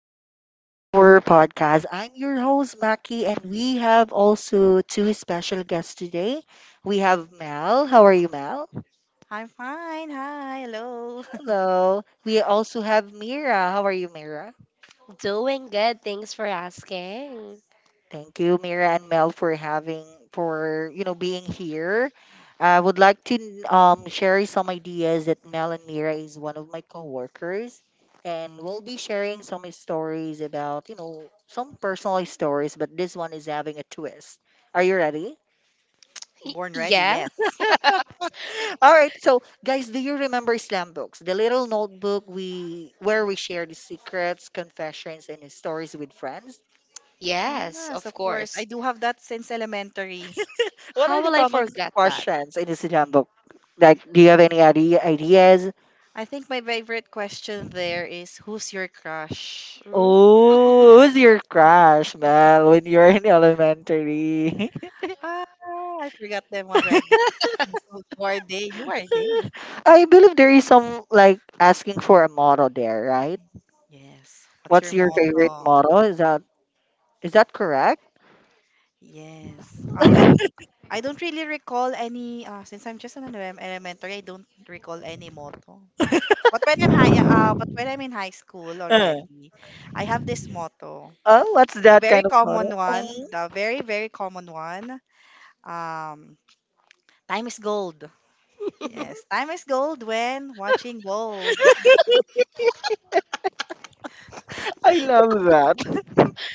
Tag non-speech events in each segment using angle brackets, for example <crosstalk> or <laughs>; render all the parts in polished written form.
back to our podcast. I'm your host, Maki, and we have also two special guests today. We have Mel. How are you, Mel? I'm fine. Hi. Hello. Hello. We also have Mira. How are you, Mira? Doing good. Thanks for asking. Thank you, Mira and Mel, for having for being here. I would like to share some ideas that Mel and Mira is one of my coworkers, and we'll be sharing some stories about some personal stories, but this one is having a twist. Are you ready? <laughs> Born ready. Yes. Yes. <laughs> All right, so guys, do you remember Slam Books, the little notebook we where we share the secrets, confessions, and stories with friends? Yes, Yes, of of course. I course. do have that since elementary. What are How the will I common forget that? questions in the Sinan book? Like, do you have any ideas? I think my favorite question there is, who's your crush? Hmm? Oh, who's your crush, Mel, when you're in elementary? Ah, I forgot them already. So, who are they? Who are they? <laughs> I believe there is some like asking for a motto there, right? Yes. What's What's your your favorite motto? motto? Is that correct? Yes. <laughs> I don't really recall any. Since I'm just an elementary, I don't recall any motto. But when I'm high, but when I'm in high school Uh, already, I have this motto. oh, what's The that very kind of common motto? one, Oh, the very, very common one. Um, time is gold. Yes, mhm. time is gold when watching gold. I love that.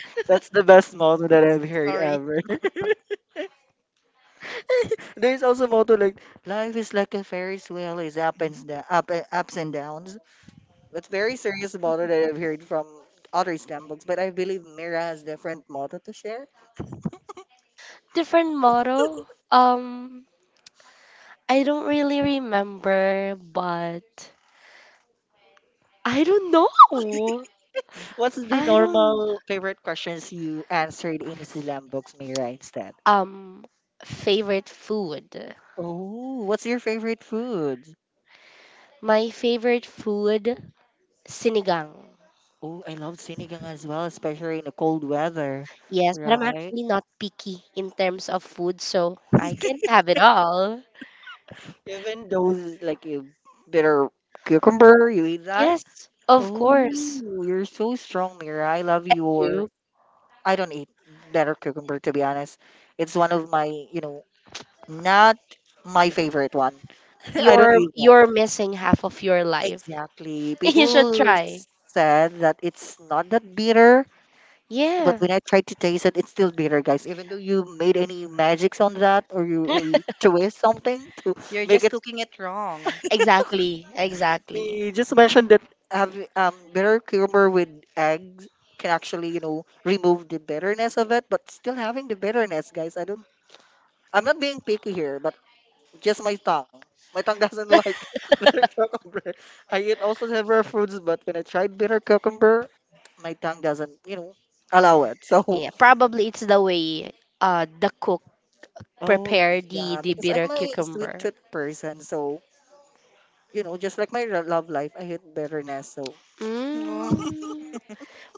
<laughs> That's the best motto that I've <laughs> heard Sorry. ever. <laughs> There is also motto like life is like a Ferris wheel, is up and da- up and- ups and downs. That's very serious motto that I've heard from other STEM books, but I believe Mira has different motto to share. Different motto? Um, I don't really remember, but I don't know. What's the I don't. normal favorite questions you answered in SLAM books, Mira, instead? Um, Favorite food. Oh, what's your favorite food? My favorite food, sinigang. Oh, I love sinigang as well, especially in the cold weather, Yes, but I'm right? actually not picky in terms of food, so I can have it all. Even those like you bitter cucumber, you eat that? Yes, of Oh, course. you're so strong, Mira. I love your. I don't eat better cucumber, to be honest. It's one of my, not my favorite one. <laughs> I don't you're eat that. you're missing half of your life. Exactly. <laughs> Uh, You should People try. said that it's not that bitter, but Yeah. when I tried to taste it, it's still bitter, guys. Even though you made any magics on that or you <laughs> twist something <laughs> to you're make just it. cooking it wrong. Exactly. Yes. Exactly. They just mentioned that having bitter cucumber with eggs can actually, you know, remove the bitterness of it, but still having the bitterness, guys. I'm not being picky here, but just my tongue. My tongue doesn't <laughs> like bitter cucumber. I eat also several fruits, but when I tried bitter cucumber, my tongue doesn't, you know, allow it. So, Yeah. Probably it's the way the cook <laughs> oh prepare the yeah, the because bitter I'm a sweet cucumber. tooth person, so you know, just like my love life, I hate bitterness. So Mm. Oh, Mm.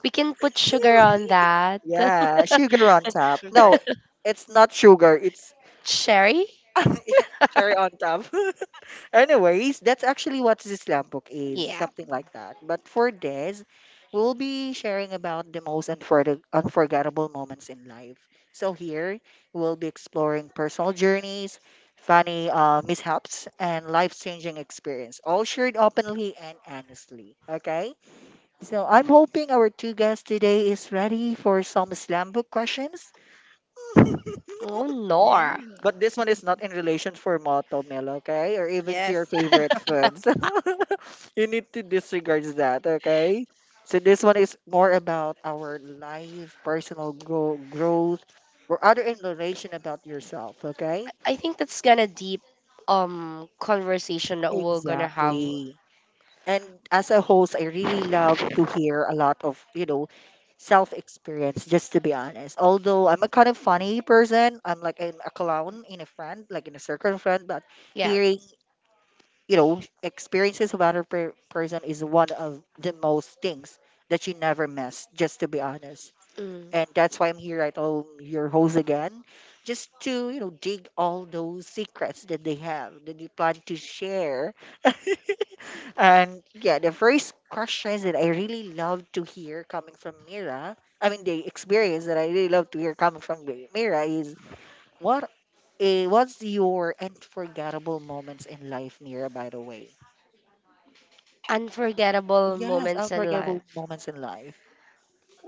We can put sugar on that. <laughs> yeah, sugar on top. sugar. No, it's not sugar. It's Sherry? <laughs> cherry on top. <laughs> Anyways, that's actually what this Zislampok is, Yeah. something like Mm. that. But for this, we'll be sharing about the most unforgettable moments in life. So here, we'll be exploring personal journeys, funny mishaps, and life-changing experience, all shared openly and honestly. Okay? So I'm hoping our two guests today is ready for some Islamic questions. Oh Yeah. no. But this one is not in relation for motto meal, okay? Or even to your Yes. favorite foods. <laughs> You need to disregard that, okay? So this one is more about our life, personal growth, or other in relation about yourself, okay? I think that's gonna deep conversation that we're gonna have. Exactly. And as a host, I really love to hear a lot of, you know, self experience, just to be honest. Although I'm a kind of funny person, I'm like a clown in a friend, like in a circle of friend, but Yeah. hearing experiences of person is one of the most things that you never miss, just to be honest, Mm. and that's why I'm here at home, your host again, just to dig all those secrets that they have that they plan to share. <laughs> And yeah, the first questions that I really love to hear coming from Mira, I mean the experience that I really love to hear coming from Mira is what, eh, what's your unforgettable moments in life, Mira, by the way? Unforgettable Yes, moments in unforgettable life. moments in life.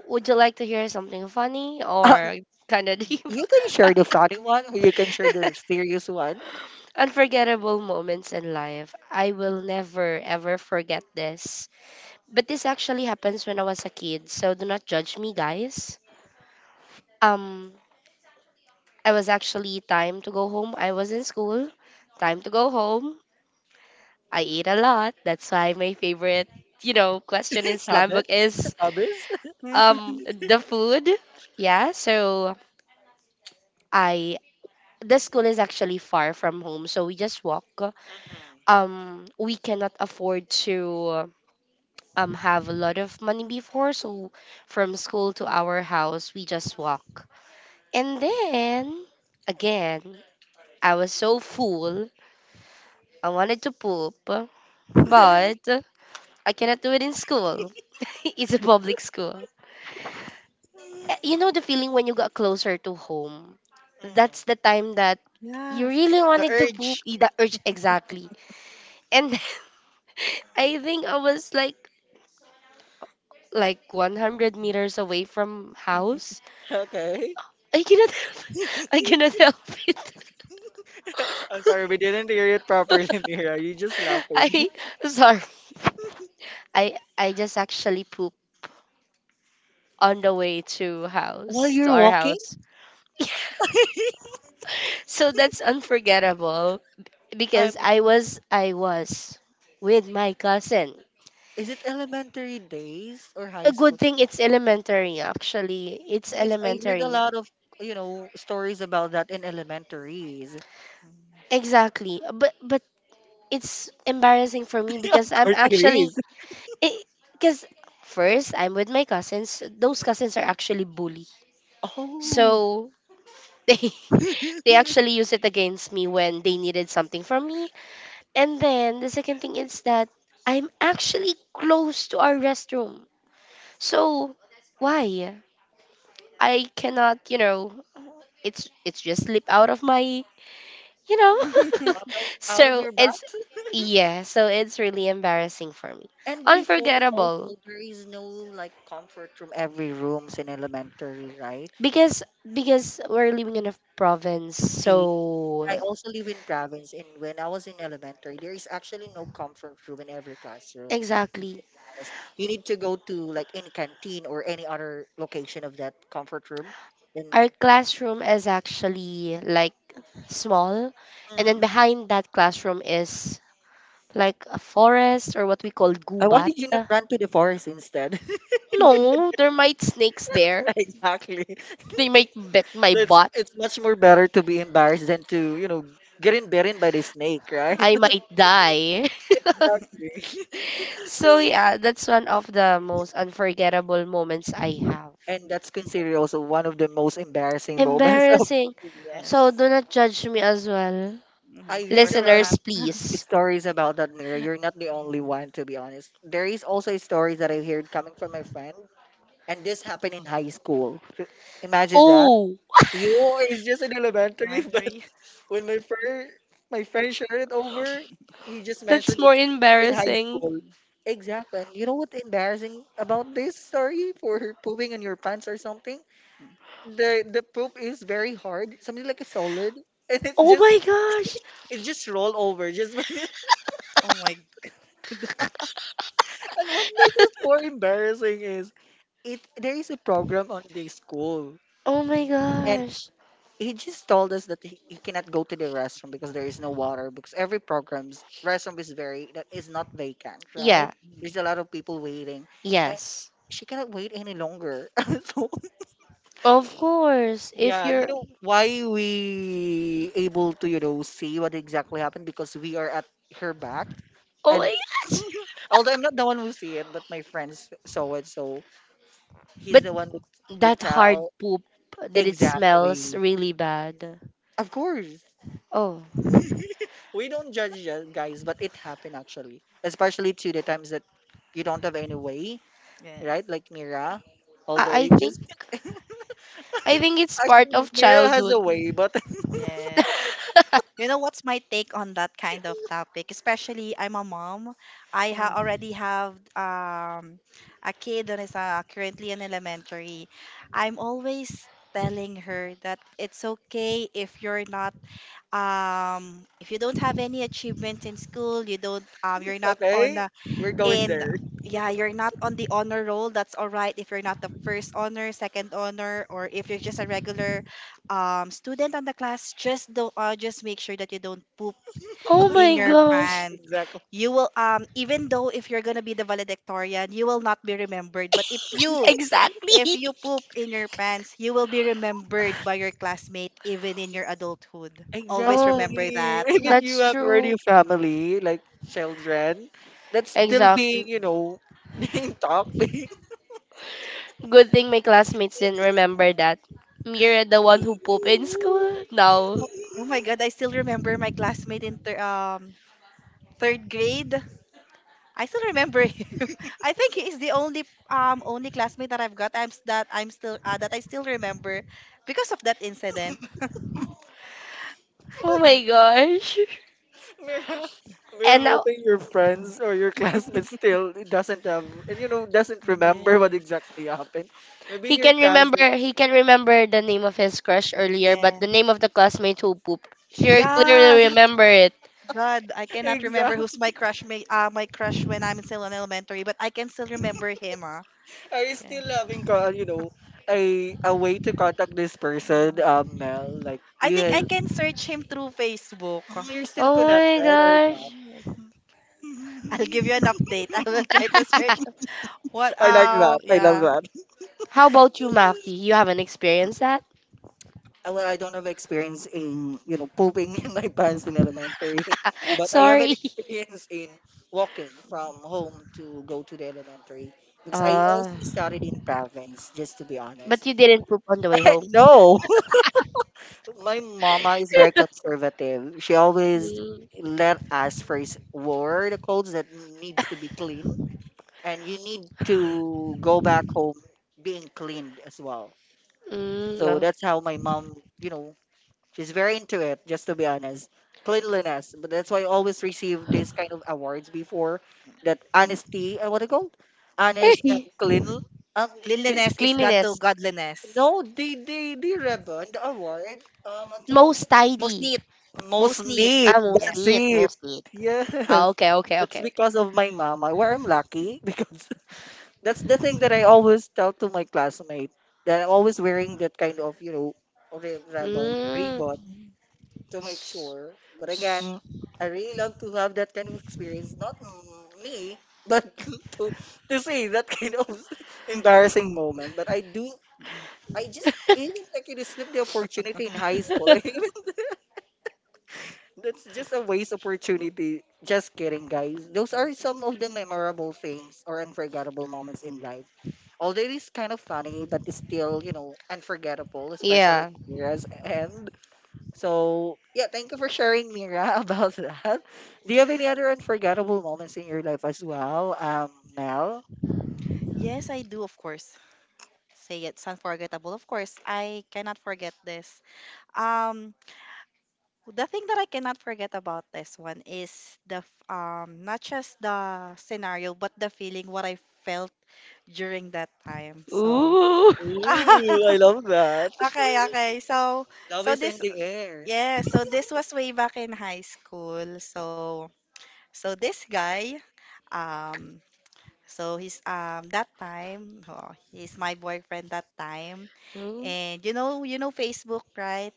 Would you like to hear something funny Uh, or kind of deep? you can share the funny one, or you can share the <laughs> serious one. Unforgettable moments in life. I will never ever forget this. But this actually happens when I was a kid, so do not judge me, guys. Um, I was actually time to go home. I was in school, time to go home. I ate a lot. That's why my favorite, question in <laughs> slam book Habit, is hobbies. um <laughs> the food. Yeah, so I the school is actually far from home, so we just walk. Mm, We cannot afford to have a lot of money before, so from school to our house we just walk, and then again, I was so full. I wanted to poop, but I cannot do it in school. <laughs> It's a public school. Eh, you know the feeling when you got closer to home? That's the mm. time that you Yes. really The wanted to poop. urge. Eh, the urge, <laughs> exactly. And I think I was like 100 meters away from house. Okay. I cannot <laughs> help. I cannot help it. <laughs> <laughs> I'm sorry, we didn't hear it properly, <laughs> Mira. You just laughing. I sorry. I just actually poop on the way to While house to you're our walking, house. <laughs> So that's unforgettable I'm. because I was with my cousin. Is it elementary days or high A good school? thing it's elementary actually. It's Because I heard a elementary. lot of stories about that in elementaries. Mm. Exactly. But it's embarrassing for me <laughs> Of because I'm course, it actually. is. <laughs> Because first, I'm with my cousins. Those cousins are actually bully. Oh, So they <laughs> <laughs> they out actually use it against me when they needed something from me. And then the second thing is that I'm actually close to our restroom. So why? I cannot, you know, it's just slip out of my, you know. Mhm. <laughs> Out of So your butt. it's, yeah, so it's really embarrassing for me. And before Unforgettable. also there is no like comfort from every rooms in elementary, right? Because we're living in a province, See, I so also live in province and when I was in elementary, there is actually no comfort room in every classroom. Just to exactly be honest. You need to go to like any canteen or any other location of that comfort room. Then our classroom is actually like small, and then Mhm. mm, behind that classroom is like a forest, or what we call I why gubat. did you not run to the forest instead? No, there might snakes <laughs> there. Exactly. They might bit my So butt. it's much more better to be embarrassed than to, you know, get in bitten by the snake, right? I might die. <laughs> <laughs> Exactly. So <laughs> yeah, that's one of the most unforgettable moments I have. And that's considered also one of the most embarrassing <laughs> moments of Embarrassing. Mira. So Yes. do not judge me as well. Hmm. I Of heard a course, we're lot of Listeners, not. <laughs> Mhm. please. stories about that, Mira. You're not the only one, to be honest. There is also a story that I heard coming from my friend, and this happened in high school. Imagine that. Oh, You is just in elementary, <laughs> but Inventory. when my friend shared it over, he just <laughs> that's mentioned more it's in high embarrassing. school. Exactly. And you know what embarrassing about this story for pooping in your pants or something? Mhm. The poop is very hard, something like a solid, and Oh my gosh. it just roll over. Just <laughs> Oh my <laughs> God. and what makes it more embarrassing is it there is a program on the school, Oh my and gosh. he just told us that he cannot go to the restroom because there is no water because every program's restroom is very that is not vacant, right? Yeah, Mhm. There's a lot of people waiting. And yes. she cannot wait any longer. <laughs> So Of course. If yeah, you you're. know why we able to you know see what exactly happened because we are at her back, Oh and my gosh. although I'm not the one who see it, but my friends saw it, so he's But the one who would that hard tell. poop that it smells Exactly. really bad. Of course, Oh, we don't guys, but it happened actually, especially to the times that you don't have any way, Yes. right? Like Mira, although I, you I think just I think it's part actually of Mira has a childhood. way, but. <laughs> Yes. <laughs> You know what's my take on that kind of topic? Especially I'm a mom. Mm. Already have a kid that is currently in elementary. I'm always telling her that it's okay if you're not if you don't have any achievements in school, you don't you're <laughs> not on, Okay, okay, the we're going in there. <laughs> yeah, you're not on the honor roll. That's all right if you're not the first honor, second honor, or if you're just a regular student on the class. Just don't just make sure that you don't poop Oh my in your gosh. pants. Exactly. You will even though if you're gonna be the valedictorian, you will not be remembered. But if you, if Exactly. you <laughs> poop in your pants, you will be remembered by your classmate even in your adulthood. Always Exactly. Oh, remember that. <laughs> Even you that's have already true. a family, like children, that's still being, Exactly. you know, <laughs> being talked. Being, Good thing my classmates didn't remember that. Mira, the one who pooped in school. Now, Oh, oh my god, I still remember my classmate in third grade. I still remember him. <laughs> I think he is the only only classmate that I've got. That I'm still that I still remember because of that incident. oh my <laughs> gosh. <laughs> Mira, And I'm now hoping your Yeah. friends or your classmates still doesn't have, and you know, doesn't remember what Yes. exactly happened. Maybe he your can remember cousin. he can remember the name of his crush earlier, but Yeah. the name of the classmate who pooped, sure, Yeah. clearly remember it. God, I <laughs> cannot remember Exactly. who's my crush. My crush when I'm still in elementary, but I can still remember him. Are you Okay. still having, co- you know, a way to contact this Uh, person, Mel? Like I think I you. can search him through Facebook. So you're still Oh my connected or not? gosh. Yes. I'll give you <laughs> an update. <laughs> I will try to search <laughs> what. I mhm. Like that. I love Yeah, that. How about you, Maki? You haven't experienced that? Well, I don't have experience in, you know, pooping <laughs> in my pants in elementary, <laughs> but I have an Sorry. experience in walking from home to go to the elementary because I Ah, also started in province, just to be honest. but you didn't poop on the way <laughs> home. No, <laughs> my mama is very conservative. She always Mm, let us first wear the clothes that needs to be clean and you need to go back home being cleaned as well. mm, So no. that's how my mom, you know, she's very into it, just to be honest. Cleanliness. But that's why I always receive these kind of awards before that honesty, what they called? <laughs> Honest and Cl- clean. Um, cleanliness is God to Cleanliness. godliness. no, they ribbon the award. At some of Most Most tidy. neat, most most neat. neat. Ah, Yeah. most That's neat, it. <laughs> most neat. Yes. Ah, okay, okay, It's okay. because of my mama where I'm Mm, lucky <laughs> because that's the thing that I always tell to my classmate that I'm always wearing that kind of, you know, Mm. ribbon mm, to make S- sure. But s- again, I really love to have that kind of experience. Not mm, me, but <laughs> to see that kind of <laughs> embarrassing moment. But I do. mm. I just <laughs> even like you to slip the opportunity in high school. <laughs> I that's just a waste opportunity. Just kidding, guys. Those are some of the memorable things or unforgettable moments in life. Although it is kind of funny, but it's still, you know, unforgettable, especially yeah. Mira's end. So, yeah, thank you for sharing, Mira, <laughs> about that. Do you have any other unforgettable moments in your life as well, Mel? Yes, I do, of course. Say it's unforgettable. Of course, I cannot forget this. Um, the thing that I cannot forget about this one is the not just the scenario, but the feeling what I felt during that time. So Ooh. Ooh, <laughs> I love that. okay, okay. Love so is in this, the air. yeah, <laughs> so this was way back in high school. So this guy, um, so he's that time, oh, he's my boyfriend that time, Ooh. and you know Facebook, right?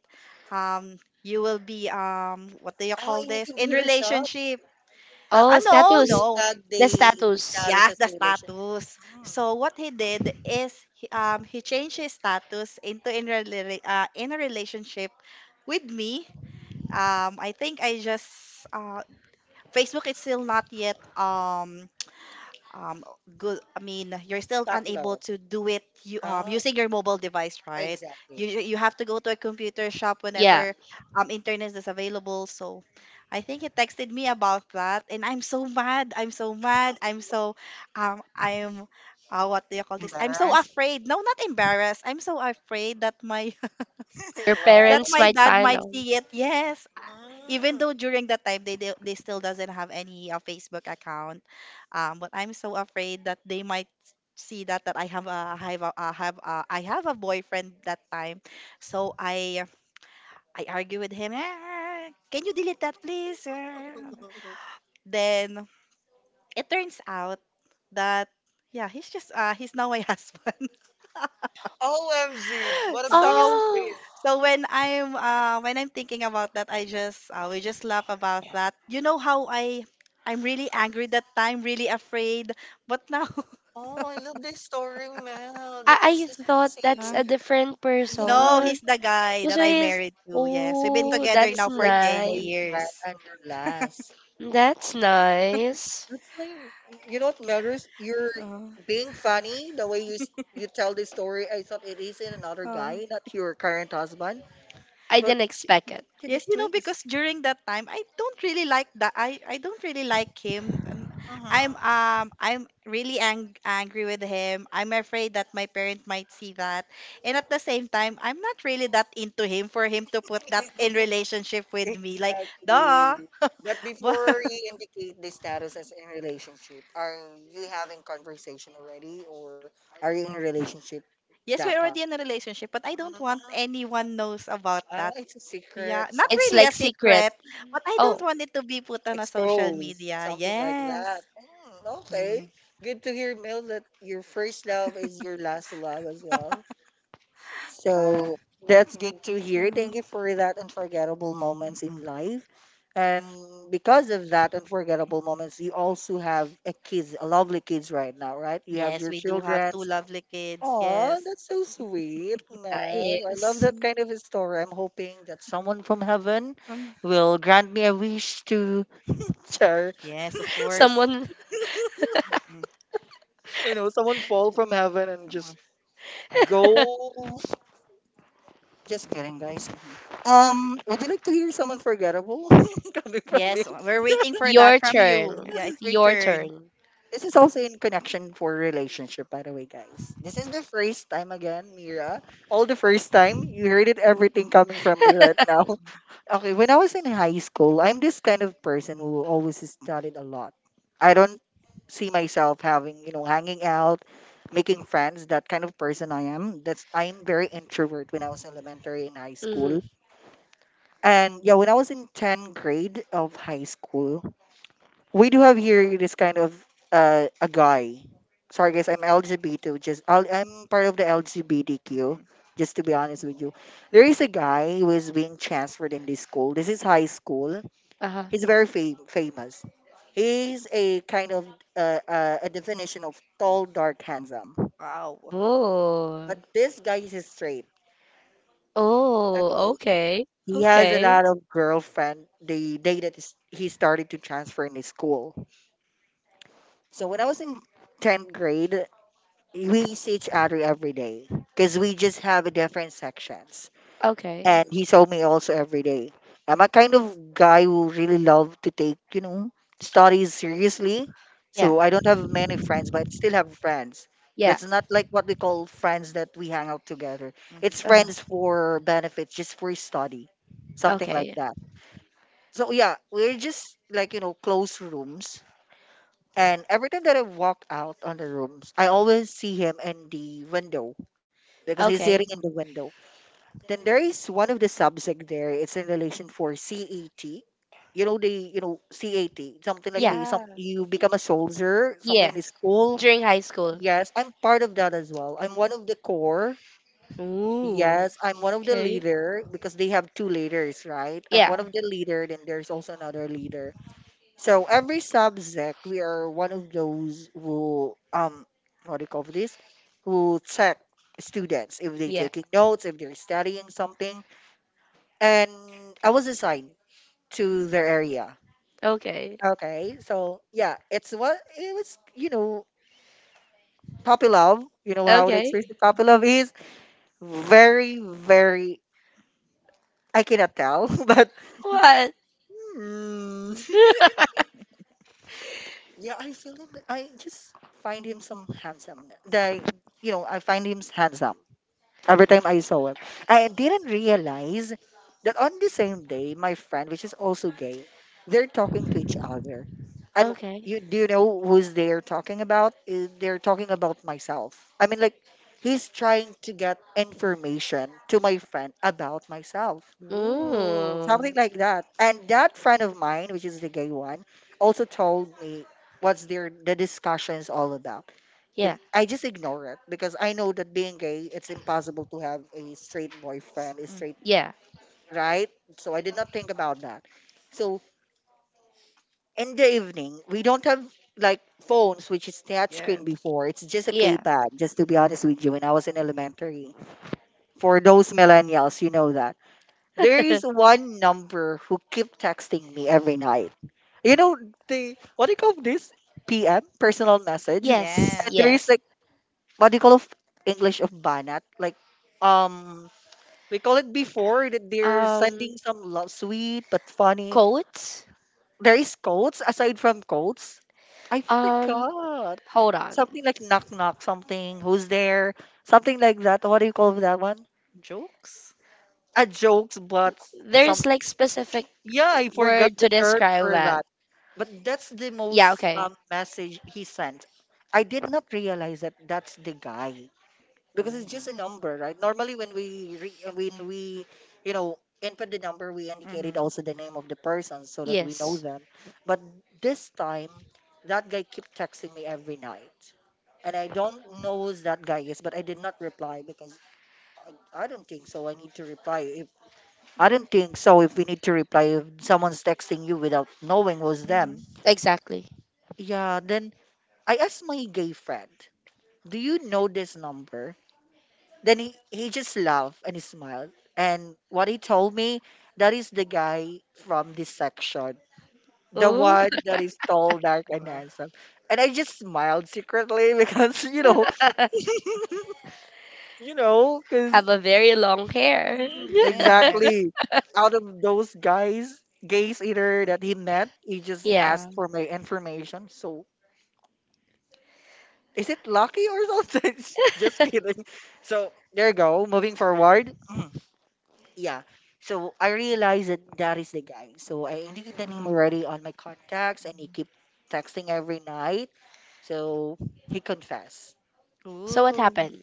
You will be what do you Oh, call in the this? In computer shop. relationship. Ah, Ah, Oh, ano, no, status. no. Buwitag de The status. Distario Yes, sa the Sulay siya. status. Mm. So what he did is he changed his status into in, a in a relationship with me. I think I just uh, Facebook is still not yet um good. I mean, you're still Popular. unable to do it, you um, Ah, using your mobile device, right? you exactly. you you have to go to a computer shop. Yeah. Yeah. Whenever um, internet is available, so I think he texted me about that, and I'm so mad, I'm so mad, I'm so um, I'm what do you call this, I'm so Embarrassed. afraid, no, not embarrassed, I'm so afraid that my <laughs> Your <laughs> Wow. that parents my might dad find might out. see it, yes, even Mm. though during that time they they still doesn't have any Facebook account, but I'm so afraid that they might see that that I have a I have a, I have a, I have a boyfriend that time, so I argue with him. "Ah, can you delete that, please? Ah." Then it turns out that yeah, he's just he's now my <laughs> husband. <laughs> OMG, what a So biggest Oh, twist. so when I'm thinking about that, I just we just laugh about that. You know how I, I'm really angry that time, really afraid, but now. <laughs> Oh, I love the story, Mel. The I thought that's Huh? consistency. a different Yeah, No, he's person. the guy that So I he's. married to. Yes, we've been actually, Oh, together your that's now for first ten nice. years. boyfriend and your last. That's nice. That's why you know what matters. You're Oh. <laughs> being funny the way you you tell this story. I thought it is in another Oh. guy, not your current husband, I but didn't expect it. you Yes, did you know, because twist. during that time, I don't really like that. I don't really like him. Uh-huh. I'm really angry with him. I'm afraid that my parent might see that, and at the same time, I'm not really that into him for him to put that in <laughs> relationship with me. Like, duh. Exactly. But <laughs> But before you indicate the status as in relationship, are you having conversation already, or are you in a relationship yes, that we're time? already in a relationship, but I don't want Ah, anyone knows about ah, that. it's a secret, Yeah, not It's something really a like secret. secret, but I don't Oh, want it to be put on a social expose, media. something like Yes. that. Mm, okay, Mm. good to hear, Mel, that your first love is your last love as well. Ah, So that's good to hear. mhm. Thank you for that unforgettable moments in life. And because of that unforgettable moments, you also have a kids, a lovely kids right now, right? You have Yes, your we do have children. two lovely kids. Oh, Yes. that's so sweet, man. I love nice. that Mm, kind of a story. I'm hoping that someone from heaven mm. will grant me a wish to <laughs> share. Yes, of course. Someone, Mm, You know, someone fall from heaven and come on. just <laughs> go. Just kidding, guys. Mm, mhm. Would you like to hear someone forgettable <laughs> coming from me? Yes, we're waiting for that your from you. turn. Yeah, it's your Your turn. turn. This is also in connection for relationship, by the way, guys. This is the first time again, Mira. All the first time you heard it, everything coming from me right now. Okay, when I was in high school, I'm this kind of person who always studied a lot. I don't see myself having, hanging out, making friends, that kind of person I am. That's I'm very introvert when I was elementary and high Mm-hmm. school. And yeah, when I was in tenth grade of high school, we do have here this kind of a guy. Sorry guys, I'm LGBT, just I'm part of the LGBTQ, Mhm. just to be honest with you. There is a guy who is being transferred in this school. This is high school. Uh-huh. He's very famous. He's a kind of a definition of tall, dark, handsome. Wow. Oh. But this guy is straight. Oh, Okay, okay. he has a Okay. lot of girlfriend. The day that he started to transfer in his school. So when I was in tenth grade, we see each other every day because we just have a different sections, Okay. and he saw me also every day. I'm a kind of guy who really love to take, you know, studies seriously. Yeah. So I don't have many friends, but I still have friends. Yeah. That's not like what we call friends that we hang out together. It's Mhm. Uh-huh. friends for benefits, just for study, something like Okay. that. So yeah, we're just like, you know, close rooms. And every time that I walk out on the rooms, I always see him in the window because he's sitting Okay. in the window. Then there is one of the subject there. It's in relation for CAT. You know they, you know CAT something like Yeah. a some Yes. you become a soldier something Yeah. in the school. During high school. Yes, I'm part of that as well. I'm one of the core. Ooh. Yes, I'm one of the Okay. leader because they have two leaders, right? I'm Yeah. one Mhm. of the leader. Then there's also another leader. So every subject we are one of those who what do you call this? Who check students if they Yeah. taking notes if they're studying something, and I was assigned to their area. Okay. Okay, so yeah, it's what it was. You know, puppy love. You know how the Okay. experience of puppy love is very, very. I cannot tell, <laughs> but What? mm, <laughs> yeah, I feel him. I just find him some handsome. The You know, I find him handsome every time I saw him. I didn't realize that on the same day, my friend, which is also gay, they're talking to each other. And Okay. You know who's they're talking about? Eh, they're talking about myself. I mean, like he's trying to get information to my friend about myself. Ooh. Ooh. Something like that. And that friend of mine, which is the gay one, also told me what's their the discussions all about. Then Yeah. I just ignore it because I know that being gay, it's impossible to have a straight boyfriend, a Mm. straight, Yeah. right? So I did not think about that. So in the evening, we don't have like phones, which is touchscreen Yes. before. It's just a Yeah. keypad, just to be honest with you, when I was in elementary. For those millennials, you know that. There is <laughs> one number who keep texting me every night. You know, what do you call this? PM, personal message. Yes. And Yes. there is Yes. like what do you call of English of banat? Like, um, we call it before that they're Um, sending some love, sweet but funny. coat. There is codes aside from codes. I Um, forgot hold on. something like knock knock something. Who's there? Something like that. What do you call that one? Jokes. A jokes, but some. There's like specific Yeah, I forgot word the to term describe for that. that. But that's the Yeah, most okay. Message he sent. I did not realize that that's the guy, because it's Ooh. just a number, right? Normally, when we you know input the number, we indicated Mm-hmm. also the name of the person so that we know Yes, them. But this time, that guy kept texting me every night, and I don't know who that guy is, but I did not reply because. I don't think so. I need to reply. If I don't think so, if we need to reply, if someone's texting you without knowing was them, Mm-hmm. exactly. yeah. Then I asked my gay friend, "Do you know this number?" Then he just laughed and he smiled. And what he told me, that is the guy from this section. The Ooh. one that is tall, dark, and Wow. handsome. And I just smiled secretly <laughs> because, <laughs> you know, because Have a very long hair. Yes. exactly out of those guys, gays either that he met, he <laughs> just yeah. asked for my information. So is it lucky or something? <laughs> just <laughs> kidding. So there you go. Moving forward. Yeah. So I realized that that is the guy. So I knew the name already on my contacts, and he Mm. keep texting every night. So he confessed. So what Ooh. happened?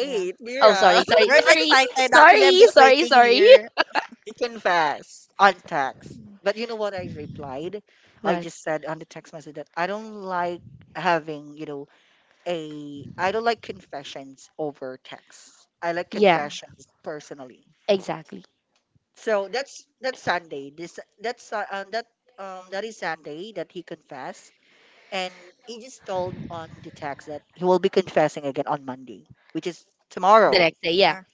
Yeah. Oh, Mira, sorry, sorry, We're so sorry, excited. Actually, I'm sorry, just sorry, waiting sorry. here. <laughs> he confessed on text. But you know what I replied? <laughs> I What? just said on the text message that I don't like having, you know, a I don't like confessions over text. I like Yeah. Yeah, confessions personally. exactly. So that's Sunday. This that's that that is Sunday that he confessed, and he just told on the text that he will be confessing again on Monday, which is The tomorrow. next day, yeah. Mm.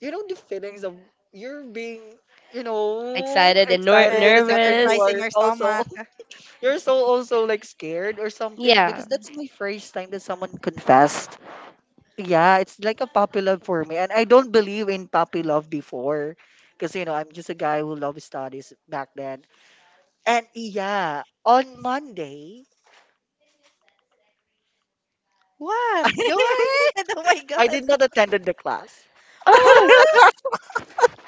You know the feelings of you're being you know Excited and excited at Excited. the same time you Butterflies nervous. in are your also stomach. <laughs> you're so also like scared or something Yeah. because that's my first time that someone confessed. Yeah, it's like a puppy love for me. And I don't believe in puppy love before. Because, you know, I'm just a guy who loves studies back then. And yeah, on Monday, What? Go ahead. <laughs> Oh my <laughs> I did God. not attend the class. Oh, Huh?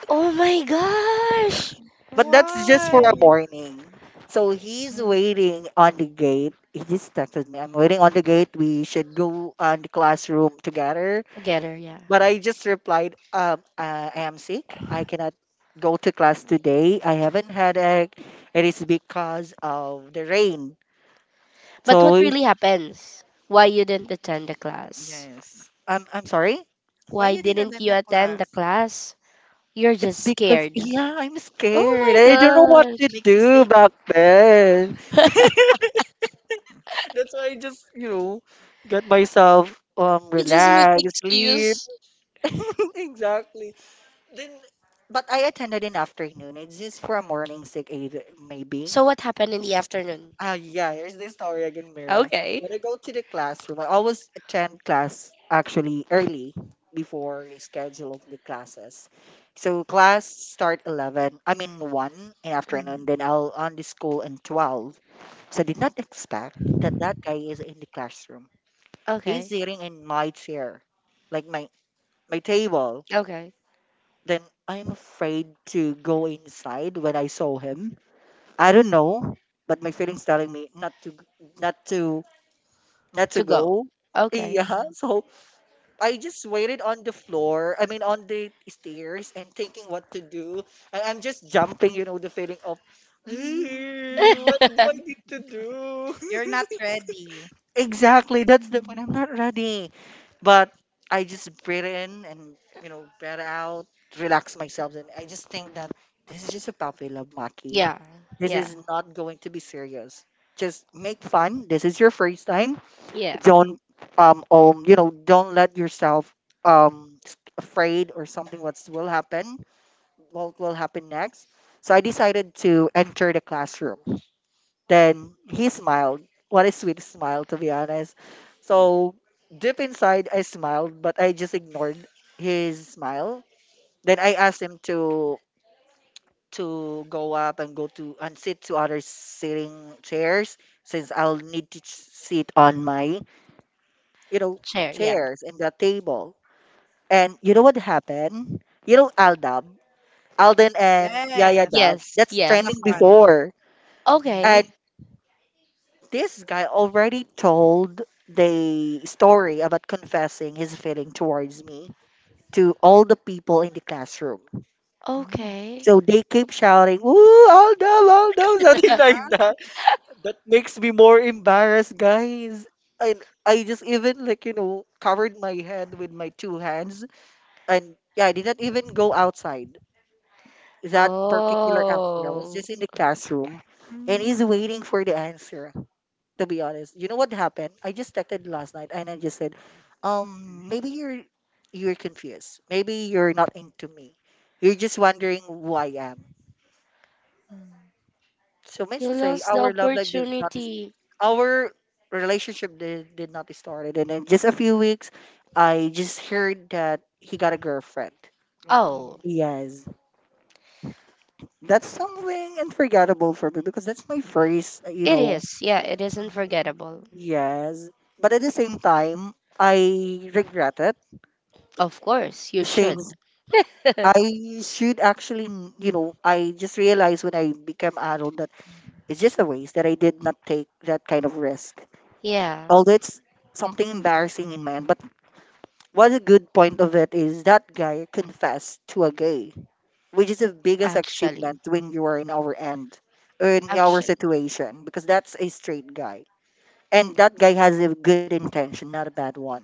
oh my gosh. But that's just for a Why? morning. So he's Mm. waiting on the gate. He just texted me, I'm waiting on the gate. We should go on the classroom together. Together, yeah. But I just replied, I am sick. I cannot go to class today. I haven't had a. It is because of the rain. But So what it, really happens? Why you didn't attend the class? Yes. I'm sorry. Why Why you didn't didn't attend you the attend the class? class? You're It's just because, scared. yeah, I'm scared. Oh my I don't know what gosh. It to makes you do sick. back then. <laughs> That's why I just, you know, got myself You just make relaxed, sleep. excuse. <laughs> exactly. Then, but I attended in afternoon. It's just for a morning sick, either, maybe. So what happened in the afternoon? Ah, yeah, here's the story again, Mira. Okay. When I go to the classroom, I always attend class actually early before the schedule of the classes. So class start 11, I mean 1 in Hmm. afternoon, then I'll on the school in 12. So I did not expect that that guy is in the classroom. He's Okay. sitting in my chair, like my, my table. Okay. Then I'm afraid to go inside when I saw him. I don't know, but my feelings telling me not to not to That's To a go. go. Okay. Yeah, so I just waited on the floor, I mean on the stairs and thinking what to do. And I'm just jumping, you know, the feeling of Hmm. "Eh, what do I <laughs> need to do? You're not <laughs> ready. Exactly, that's the point. I'm not ready. But I just breathe in and you know, breathe out, relax myself and I just think that this is just a puppy love, Maki. yeah. This Yeah. is not going to be serious. Just make fun. This is your first time Yeah. don't you know don't let yourself afraid or something what will happen next so I decided to enter the classroom then he smiled what a sweet smile to be honest so deep inside I smiled but I just ignored his smile then I asked him to go up and go to and sit to other sitting chairs since I'll need to ch- sit on my you know, Chair. Yeah. Mhm. chairs and the table. And you know what happened? You know, Aldab, Alden and Yaya Yes. Dab, Yes. that's Not a Yes. trending fun. before. Okay. And this guy already told the story about confessing his feeling towards me to all the people in the classroom. Mm-hmm. Okay. So they keep shouting, "Ooh, Aldab, Aldab," <laughs> something <laughs> like Huh? that. That makes me more embarrassed, guys. And I just even like, covered my head with my two hands, and yeah, I did not even go outside that particular afternoon. I was Oh. just in the classroom and he's Mm, waiting for the answer, to be honest. You know what happened? I just texted last night and I just said, maybe you're confused. Maybe you're not into me. You're just wondering who I am. mm. So means You to say lost the our love life did not, opportunity. our relationship did not started, and in just a few weeks I just heard that he got a girlfriend. Oh. Oh. Yes. That's something unforgettable for me because that's my first, you It know, is. Yeah, it is isn't Mhm, forgettable. yes. But at the same time, I regret it Of course, you should. since <laughs> I should actually, you know, I just realized when I became adult that it's just a waste that I did not take that kind of risk. Yeah, Although it's something embarrassing in my end, but what a good point of it is that guy confessed to a gay, which is the biggest actually. achievement when you are in our end, or in our Actually. situation, because that's a straight guy. And that guy has a good intention, not a bad one.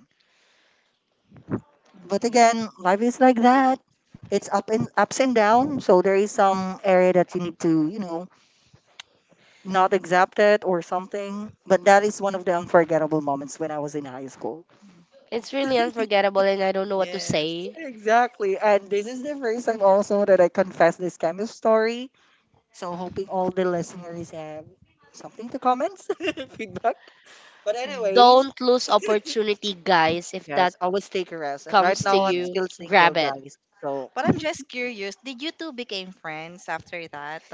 mhm, But mhm, mhm. again, life is like that. It's up and ups and down. So there is some area that you need to, not accept it or something. But that is one of the unforgettable moments when I was in high school. It's really unforgettable and I don't know what to Yes. say. Exactly. And this is the first time also that I confess this kind of story. So hoping all the listeners have something to comment, <laughs> feedback. But anyways, Don't lose opportunity, guys. If that yes, always take a rest. And right comes to now I'm you, Yes. still single, grab it. guys. So But I'm just curious, did you two became friends after that?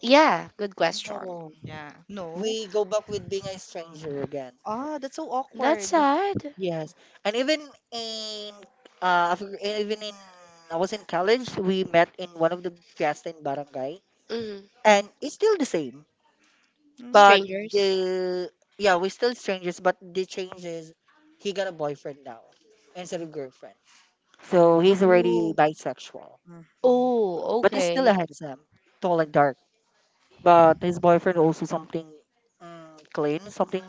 Yeah, good question. no. Yeah. No. We go back with being a stranger again. Ah, that's so That's awkward. sad. Yes, and even in in I was in college, we met in one of the fiesta in barangay, Mm. and it's still the same. Mm. But Strangers. the yeah, we're still strangers, but the change is he got a boyfriend now instead of girlfriend, so he's already Ooh. bisexual. Mhm. Oh, But he's still a okay. handsome, tall and dark. But his boyfriend also something, mm, clean, something,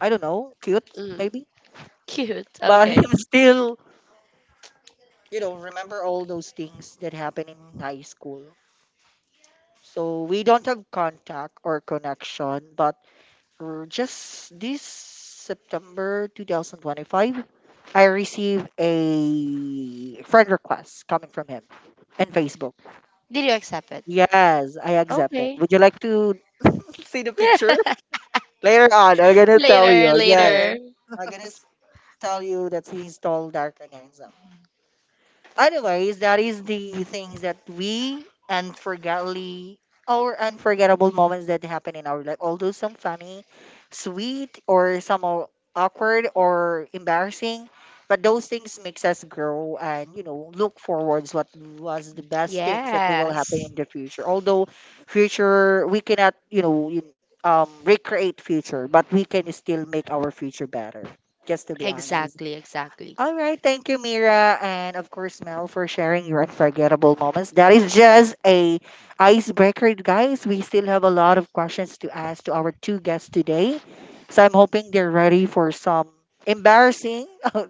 I don't know, cute Mm. maybe. <laughs> Cute. But <laughs> Okay. I'm still, you know, remember all those things that happened in high school. So we don't have contact or connection, but just this September 2025, I received a friend request coming from him in Facebook. Did you accept it? Yes, I accepted. Okay. Would you like to <laughs> see the picture? <laughs> Later on, I'm gonna tell Later, you. Yes, Later. later. I'm gonna s- tell you that he's tall, dark, and handsome. Anyways, that is the things that we unforgettable or unforgettable moments that happen in our life. Although some funny, sweet, or some are awkward or embarrassing, but those things makes us grow and you know look forwards what was the best things that will happen Yes. in the future. Although future we cannot recreate future, but we can still make our future better. Just to be Yes. honest. Exactly, exactly. All right, thank you, Mira, and of course, Mel, for sharing your unforgettable moments. That is just a icebreaker, guys. We still have a lot of questions to ask to our two guests today, so I'm hoping they're ready for some embarrassing, <laughs> oh,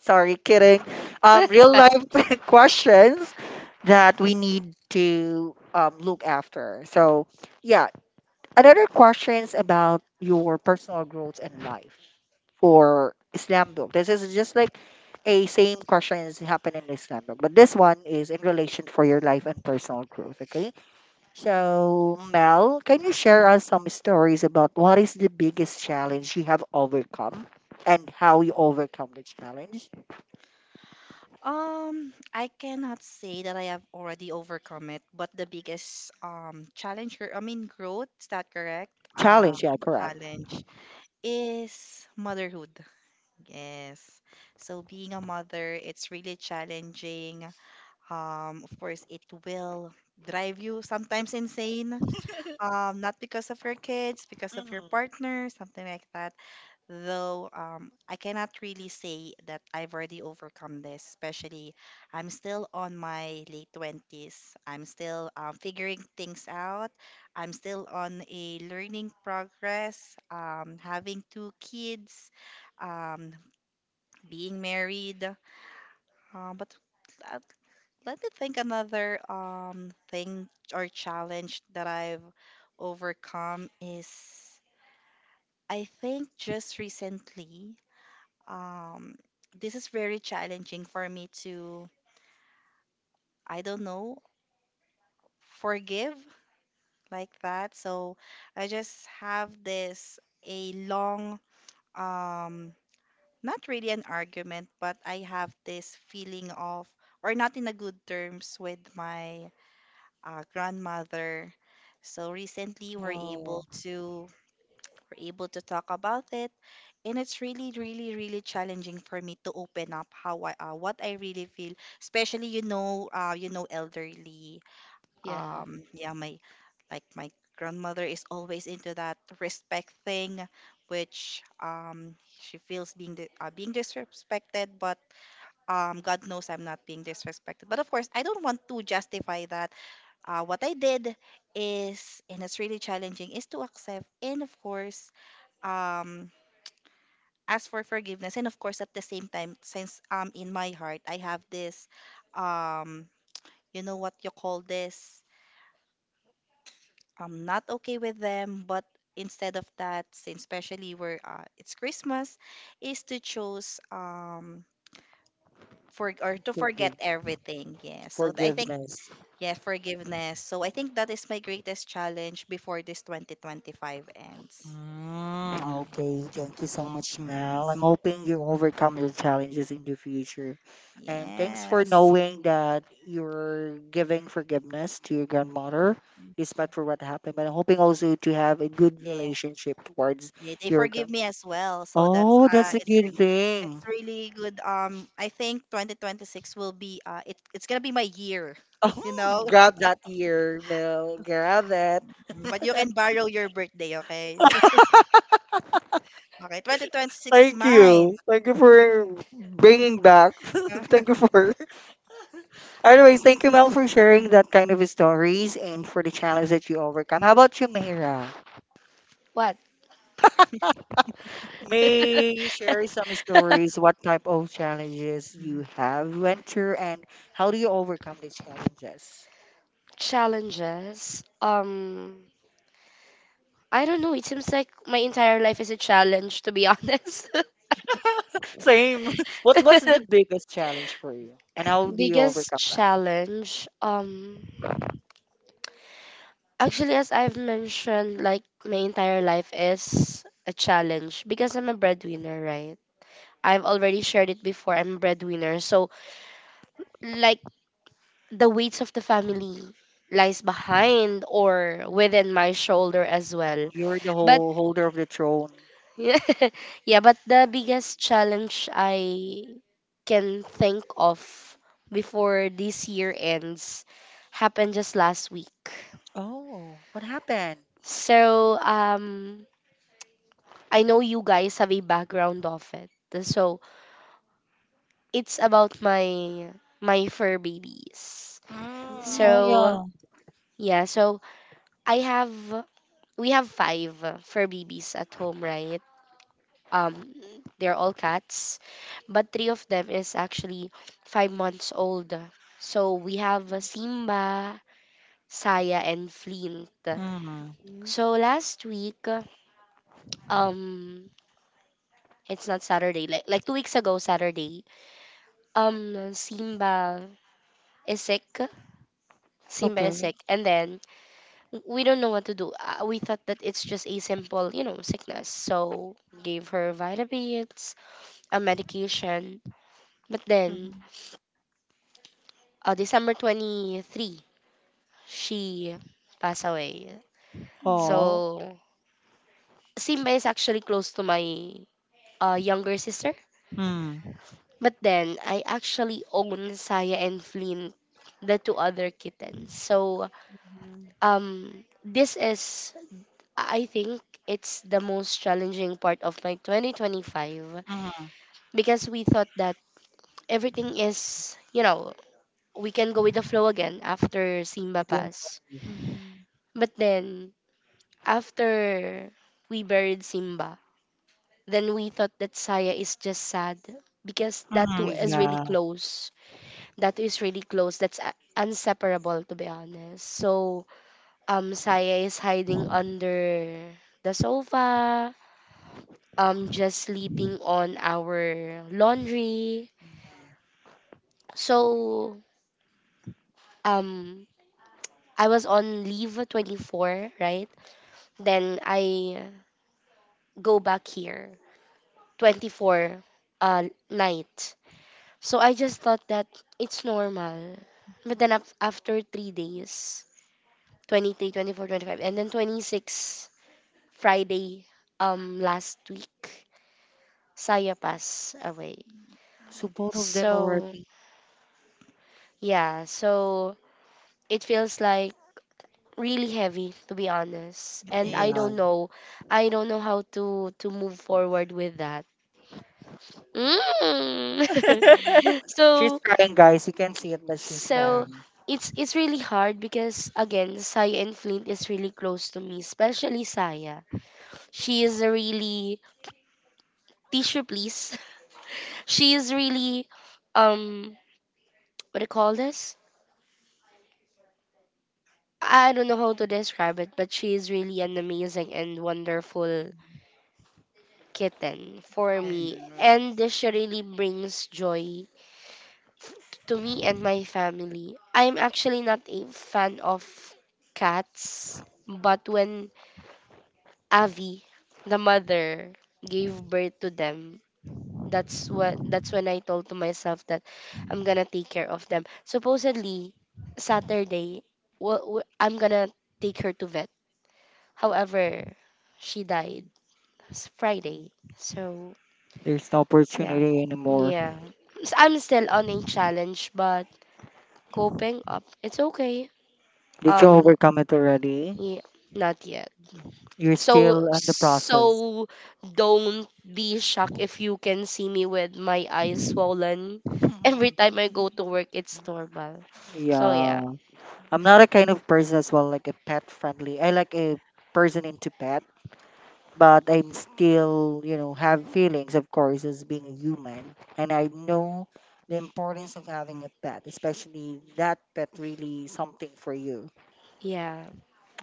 sorry, kidding, real life <laughs> <laughs> questions that we need to look after. So, yeah, another questions about your personal growth and life for slam book. This is just like a same question is happening in slam book, but this one is in relation for your life and personal growth. Okay, so Mel, can you share Mhm. us some stories about what is the biggest challenge you have overcome and how you overcome the challenge? I cannot say that I have already overcome it, but the biggest challenge, or I mean growth, is that correct? Challenge, Um, yeah, correct. challenge is motherhood. Yes. So being a mother, it's really challenging. Of course, it will drive you sometimes insane, not because of your kids, because of your Mhm. partner, something like that. Though I cannot really say that I've already overcome this, especially I'm still on my late 20s. I'm still figuring things out. I'm still on a learning progress, having two kids, um, being married. But at, let me think, another thing or challenge that I've overcome is I think just recently um this is very challenging for me to, I don't know, forgive, like that. So I just have this a long um not really an argument, but I have this feeling of, or not in a good terms with my grandmother. So recently Oh, we're able to talk about it, and it's really, really, really challenging for me to open up how I what I really feel, especially you know, elderly. Yeah. Yeah, my grandmother is always into that respect thing, which um, she feels being being disrespected, but um, God knows I'm not being disrespected. But of course, I don't want to justify that what I did is, and it's really challenging, is to accept and of course, um, ask for forgiveness. And of course, at the same time, since um, in my heart I have this, um, you know what you call this, I'm not okay with them, but instead of that, since especially where it's Christmas, is to choose um, for or to forget forgive- everything. Yeah. So I think. forgiveness. Yeah, forgiveness. So I think that is my greatest challenge before this 2025 ends. Mm, Hmm. okay, thank you so much, Mel. I'm Yes. hoping you overcome your challenges in the future. And thanks for Yes. knowing that you're giving forgiveness to your grandmother, despite for what happened. But I'm hoping also to have a good Yeah. relationship towards Yeah, they your forgive grand. me as well. So that's Oh, uh, that's a good thing. it's really good. Um, I think 2026 will be it's going to be my year, <laughs> you Oh, know. grab <laughs> that ear, Mel. Grab that. But you can borrow your birthday, okay? <laughs> Okay, 2026 is Thank mine. you. Thank you for bringing back. <laughs> <laughs> Thank you for. Anyways, thank you, Mel, for sharing that kind of stories and for the challenge that you overcome. How about you, Mira? What? May you share some stories, <laughs> what type of challenges you Mm-hmm. have went through, and how do you overcome the challenges? Challenges. I don't know. It seems like my entire life is a challenge, to be honest. <laughs> Same. <laughs> What what's the <laughs> biggest challenge for you, and how do you Biggest overcome that? challenge. Actually, as I've mentioned, like my entire life is a challenge because I'm a breadwinner, right? I've already shared it before. I'm a breadwinner, so like the weights of the family lies behind or within my shoulder as well. You're the But whole holder of the throne. <laughs> yeah, but the biggest challenge I can think of before this year ends happened just last week. Oh, what happened? So, I know you guys have a background of it. So, it's about my fur babies. Mm, oh So, yeah. yeah, so I have we have five fur babies at home, right? Um, they're all cats, but three of them is actually 5 months old. So we have Simba, Saya, and Flint. Mm, So last week, um, it's not Saturday, like 2 weeks ago, Saturday. Simba is sick. Simba is okay. sick, and then we don't know what to do. We thought that it's just a simple, you know, sickness. So gave her vitamins, a medication. But then, December 23, she passed away. Mm. Mm-hmm. Oh. So, Simba is actually close to my younger sister. Mm. But then, I actually own Saya and Flynn, the two other kittens. So, um, this is, I think, it's the most challenging part of my 2025 because we thought that everything is, you know, we can go with the flow again after Simba Don't. passed. Mm-hmm. But then, after we buried Simba, then we thought that Saya is just sad because that Hmm. is really Yeah. close. That is really close. That's inseparable, to be honest. So, Saya is hiding under the sofa, just sleeping on our laundry. So, um, I was on leave 24, right? Then I go back here 24 uh, night. So I just thought that it's normal. But then after 3 days, 23, 24, 25, and then 26 Friday last week, Saya passed away. So both of them So already. yeah, so it feels like really heavy to be honest. It And is. Yeah. I don't know how to move forward with that. Mm. <laughs> She's So. crying, guys. You can see it that she's Yeah. So crying. It's really hard because again, Saya and Flint is really close to me, especially Saya. She is a really tissue please. <laughs> She is really um what do you call this? I don't know how to describe it, but she is really an amazing and wonderful kitten for me. And Yes. she really brings joy to me and my family. I'm actually not a fan of cats, but when Avi, the mother, gave birth to them. That's what that's when I told to myself that I'm gonna take care of them. Supposedly Saturday, I'm gonna take her to vet. However, she died Mhm. Friday. So There's no yeah, opportunity anymore. yeah. I'm still on a challenge, but coping up. It's okay. Did you Um, overcome it already? yeah, not yet. You're So still in the process. so don't be shocked if you can see me with my eyes swollen. Every <laughs> time I go Mhm. to work it's normal. So yeah. Yeah. I'm not a kind of person as well, like a pet friendly. I like a person into pet, but I'm still, you know, have feelings, of course, as being a human. And I know the importance of having a pet, especially that pet really something for you. Yeah.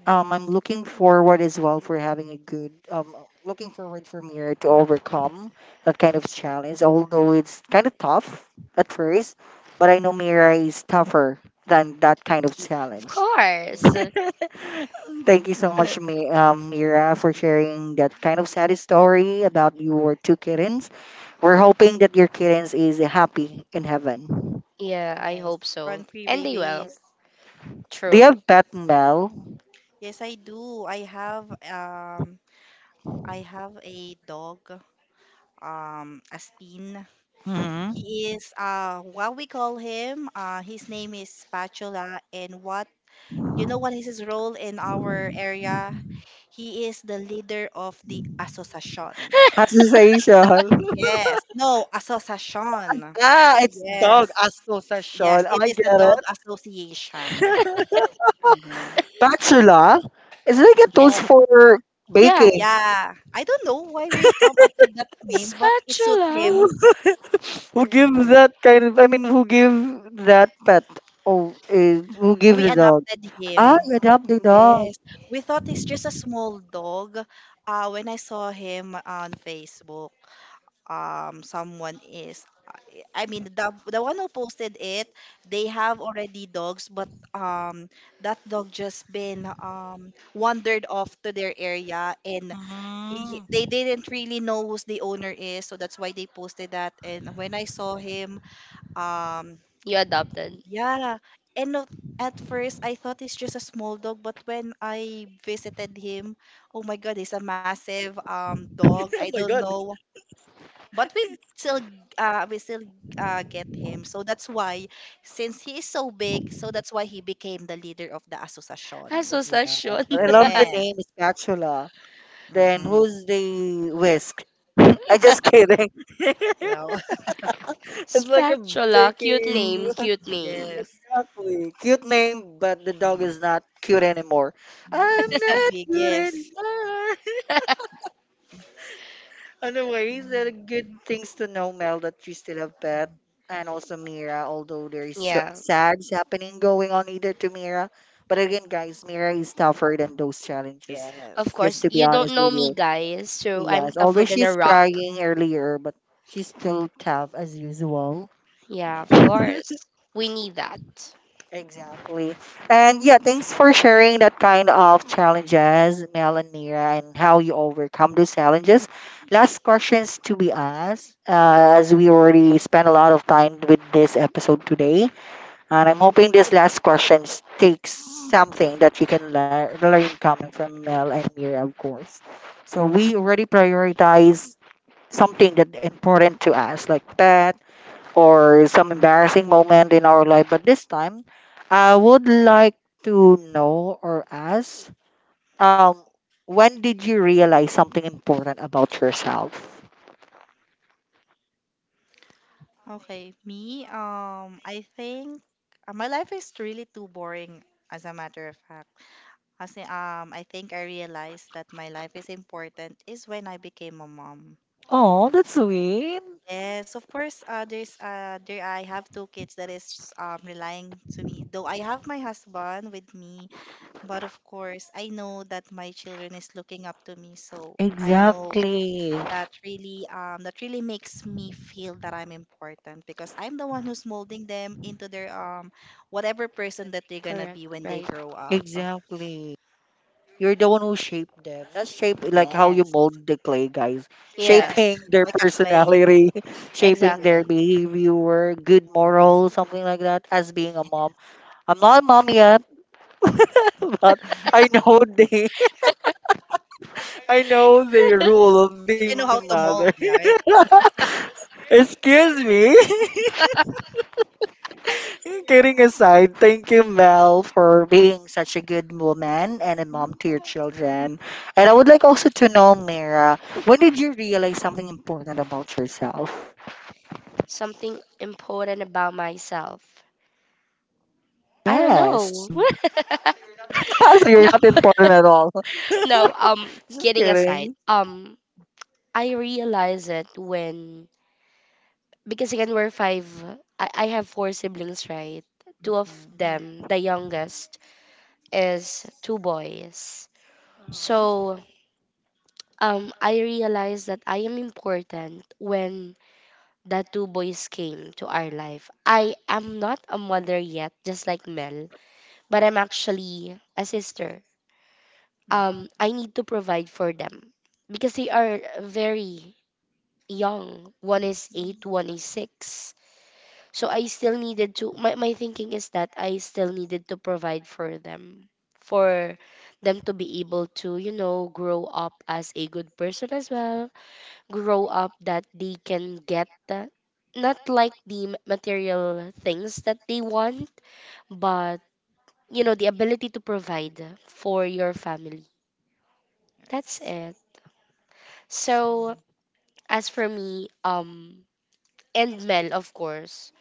I'm looking forward as well for having a good, looking forward for Mira to overcome that kind of challenge, although it's kind of tough at first, but I know Mira is tougher than that kind of Of challenge. course. <laughs> Thank you so much, <laughs> Mira, for sharing that kind of sad story about your two kittens. We're hoping that your kittens is happy in heaven. Yeah, I Yes. hope so. Run free And they will. babies. Do you True. have pet Mel? Yes, I do. I have a dog, Aspin. Mm-hmm. He is uh, what we call him. Uh, his name is Spatula, and what, you know what is his role in our area? He is the leader of the association. Association. <laughs> Yes. No, association. Ah, Ah, it's dog yes. Yes, association. it I is a get dog it. association. Mhm. Bachelor. It's like a tools Yes. for Yeah. baking. Yeah. I don't know why we come up with that name, but it suits <laughs> Spatula. Who him. give that kind of? I mean, who give that pet? Oh, is who give We the dog? adopted him. Ah, you adopt the dog. Yes. We thought he's just a small dog. When I saw him on Facebook, someone is, I mean the one who posted it, they have already dogs, but um, that dog just been um, wandered off to their area, and Mm. they <laughs> didn't really know who's the owner is, so that's why they posted that. And when I saw him, um, You adopted. yeah, and not, at first I thought it's just a small dog, but when I visited him, oh my god, he's a massive um, dog. Oh I my don't God. know, but we still uh, we still get him, so that's why, since he is so big, so that's why he became the leader of the association. Yeah, Association. but I love the Yeah. name spatula. Then Mm-hmm. who's the whisk? <laughs> I just kidding. <laughs> You know. <laughs> It's like a Spatula. Cute baking. name. <laughs> Cute <laughs> name. Yes. Exactly. Cute name, but the dog Mm. is not cute anymore. Mm. I'm He's so not <laughs> big, cute yes. anymore. Anyways, there are Mm. good things to know, Mel, that you still have Beth Mm. and also Mira, although there is Yeah. sads happening going on either to Mira. But again, guys, Mira is tougher than those challenges, Of Yes. just Mm. course, to be you don't honest know with me, you. guys. So I'm Yes, tougher although than a she's rock. crying earlier, but she's still tough as usual. Yeah, of Yes. course. We need that. Mm. Exactly. And yeah, thanks for sharing that kind of challenges, Mel and Mira, and how you overcome those challenges. Last questions to be asked, as we already spent a lot of time with this episode today. And I'm hoping this last questions takes something that you can learn coming from Mel and Mira, of course. So we already prioritize something that important to us, like pets or some embarrassing moment in our life. But this time, I would like to know or ask, um, when did you realize something important about yourself? Okay, me um, I think my life is really too boring, as a matter of fact. Kasi I think I realized that my life is important is when I became a mom. Oh, Of- that's sweet. yes, of course. There's there I have two kids that is um, relying to me. Though I have my husband with me, but of course I know that my children is looking up to me. So I know Exactly. that really um, that really makes me feel that I'm important, because I'm the one who's molding them into their um, whatever person that they're gonna Correct, be when they right. grow up. Exactly. You're the one who shaped them. Not shape like how you Yes. mold the clay, guys. Yeah, Yes, Shaping <laughs> their like a clay. personality, <laughs> shaping their Yeah. exactly. behavior, good morals, something like that, as being a mom. I'm not a mom yet. <laughs> But I know they, <laughs> I know the rule of being a You know how to mother. mold, yeah, right? <laughs> Excuse me. <laughs> Kidding aside, thank you, Mel, for being such a good woman and a mom to your Yes. children. And I would like also to know, Mira, when did you realize something important about yourself? Something important about myself. I don't know. Yes. <laughs> So you're <laughs> No, not important at all. no, <laughs> Just kidding aside, kidding. I realize it when, because again, we're five, I have 4 siblings, right? Two of Mhm. them, the youngest, is two boys. So, Mm-hmm. I realize that I am important when that two boys came to our life. I am not a mother yet, just like Mel, but I'm actually a sister. Mhm. I need to provide for them because they are very young. One is eight, Mhm. one is six. So I still needed to, my thinking is that I still needed to provide for them to be able to, you know, grow up as a good person as well, grow up that they can get that. Not like the material things that they want, but you know, the ability to provide for your family. That's Yes. it. So, Mm. as for me, and Mel, of course,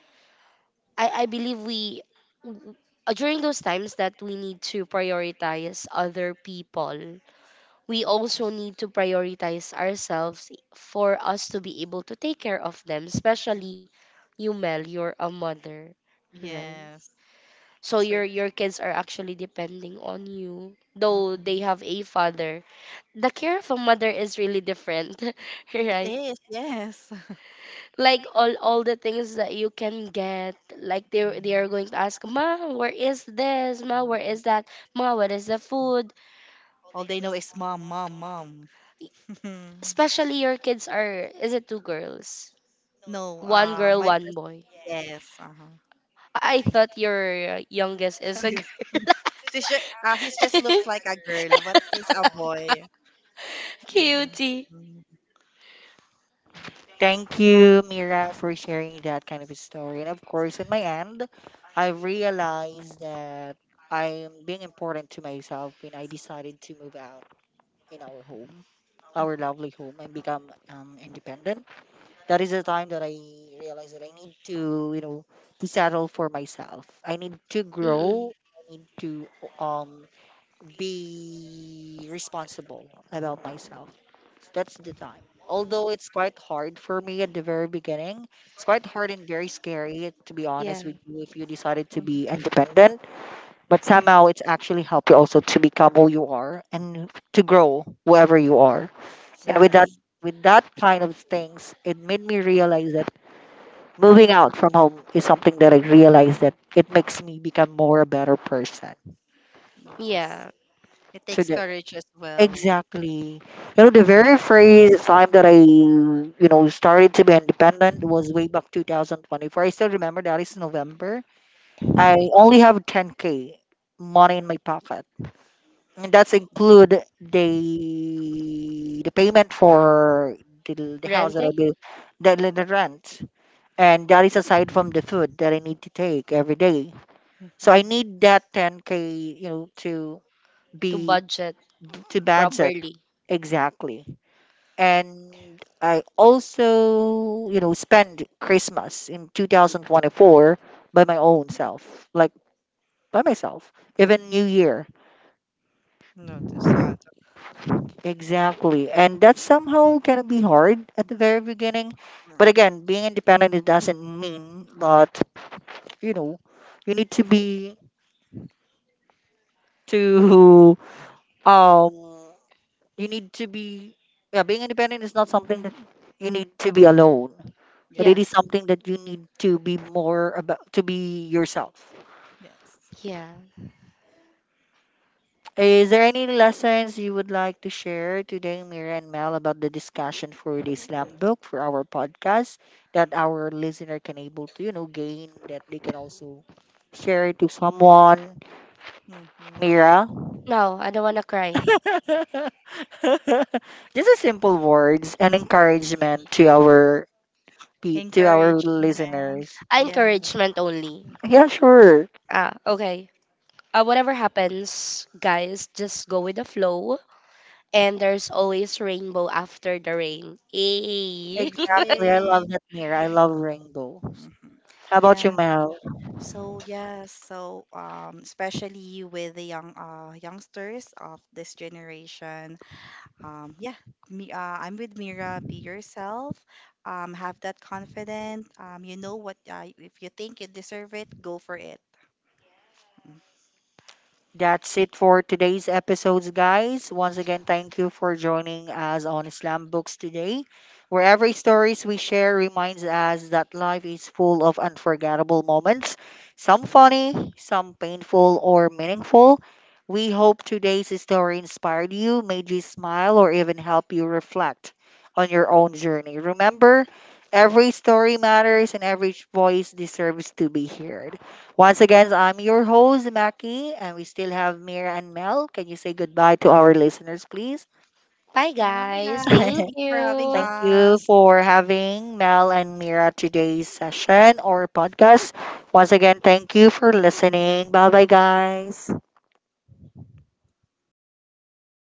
I believe we, w- during those times that we need to prioritize other people, we Mm. also need to prioritize ourselves for us to be able to take care of them, Mm. especially you, Mel. You're a mother, right? Yes. So That's your right. your kids are actually depending on you, though Mhm. they have a father. The care of a mother is really different, <laughs> It right? is, yes. <laughs> Like all the things that you can get, like they Mhm. are going to ask, ma, where is this? Ma, where Mm. is that? Ma, what is the food? All they know is mom, mom, mom. <laughs> Especially your kids are, is it two girls? No, One girl, my one first, boy. yes, uh-huh. I thought your youngest is a girl. <laughs> He's just looks like a <laughs> girl, but he's a boy. Mm, Cutie. mm, mm, Thank you, Mira, for sharing that kind of a story. And of course, in my end, I realized that I am being important to myself when I decided to move out in our home, our mhm. lovely home, and become independent. That is the time that I realized that I need to, you know, to settle for myself. I need to Mm-mm. grow. I need to um be responsible about myself. So that's the time. Although it's quite hard for me at the very beginning, it's quite hard and very scary, to be Yeah, honest with you, if you decided to be <laughs> independent. But somehow it's actually helped you also to become who you are and to grow wherever you are. And exactly. Yes, with that kind of things, it made me realize that moving out from home is something that I realized that it makes me become more a better person. Yeah. yes. It So takes that. courage as well. Exactly. You know, the very first time that I, you know, started to be independent was way back 2024. I still remember that is November. I only have 10k money in my pocket. And that's include the payment for the house that I Renting built, the rent. And that is aside from the food that I need to take every day. So I <laughs> need that 10k, you know, to to be budget to budget. properly. Exactly. And I also, you know, spend Christmas in 2024 by my own self, like by myself, even New Year. Not to sad. Exactly. And that's somehow going to be hard at the very beginning. But again, being independent, it doesn't mean that, you know, you need to be to, um, you need to be, yeah, being independent is not something that you need to be alone. But it Yeah, is something that you need to be more about to be yourself. Yes. yeah. Is there any lessons you would like to share today, Mira and Mel, about the discussion for the slam book for our podcast that our listener can able to, you know, gain that they can also share it to someone, Mm-hmm. Mira? No, I don't want to cry. <laughs> Just a simple words and encouragement to our to our Encouragement. listeners. I Yeah. encouragement only. Yeah, sure. Ah, okay. Whatever happens, guys, just go with the flow. And there's always rainbow after the rain. Yay! <laughs> Exactly. I love that Hey. mirror. I love rainbow. Mhm. How about you, Yeah. Mel? So yeah. So especially with the young uh, youngsters of this generation, um, yeah, me, I'm with Mira. Be yourself. Have that confidence. You know what? If you think you deserve it, go for it. Mm. That's it for today's episodes, guys. Once again, thank you for joining us on Islam Books today, where every stories we share reminds us that life is full of unforgettable moments, some funny, some painful or meaningful. We hope today's story inspired you, made you smile, or even help you reflect on your own journey. Remember, every story matters and every voice deserves to be heard. Once again, I'm your host, Mackie, and we still have Mira and Mel. Can you say goodbye to our listeners, please? Bye, Bye, guys. Thank guys. <laughs> Thank you for having you. Thank you us. for having Mel and Mira today's session or podcast. Once again, thank you for listening. Bye bye, guys.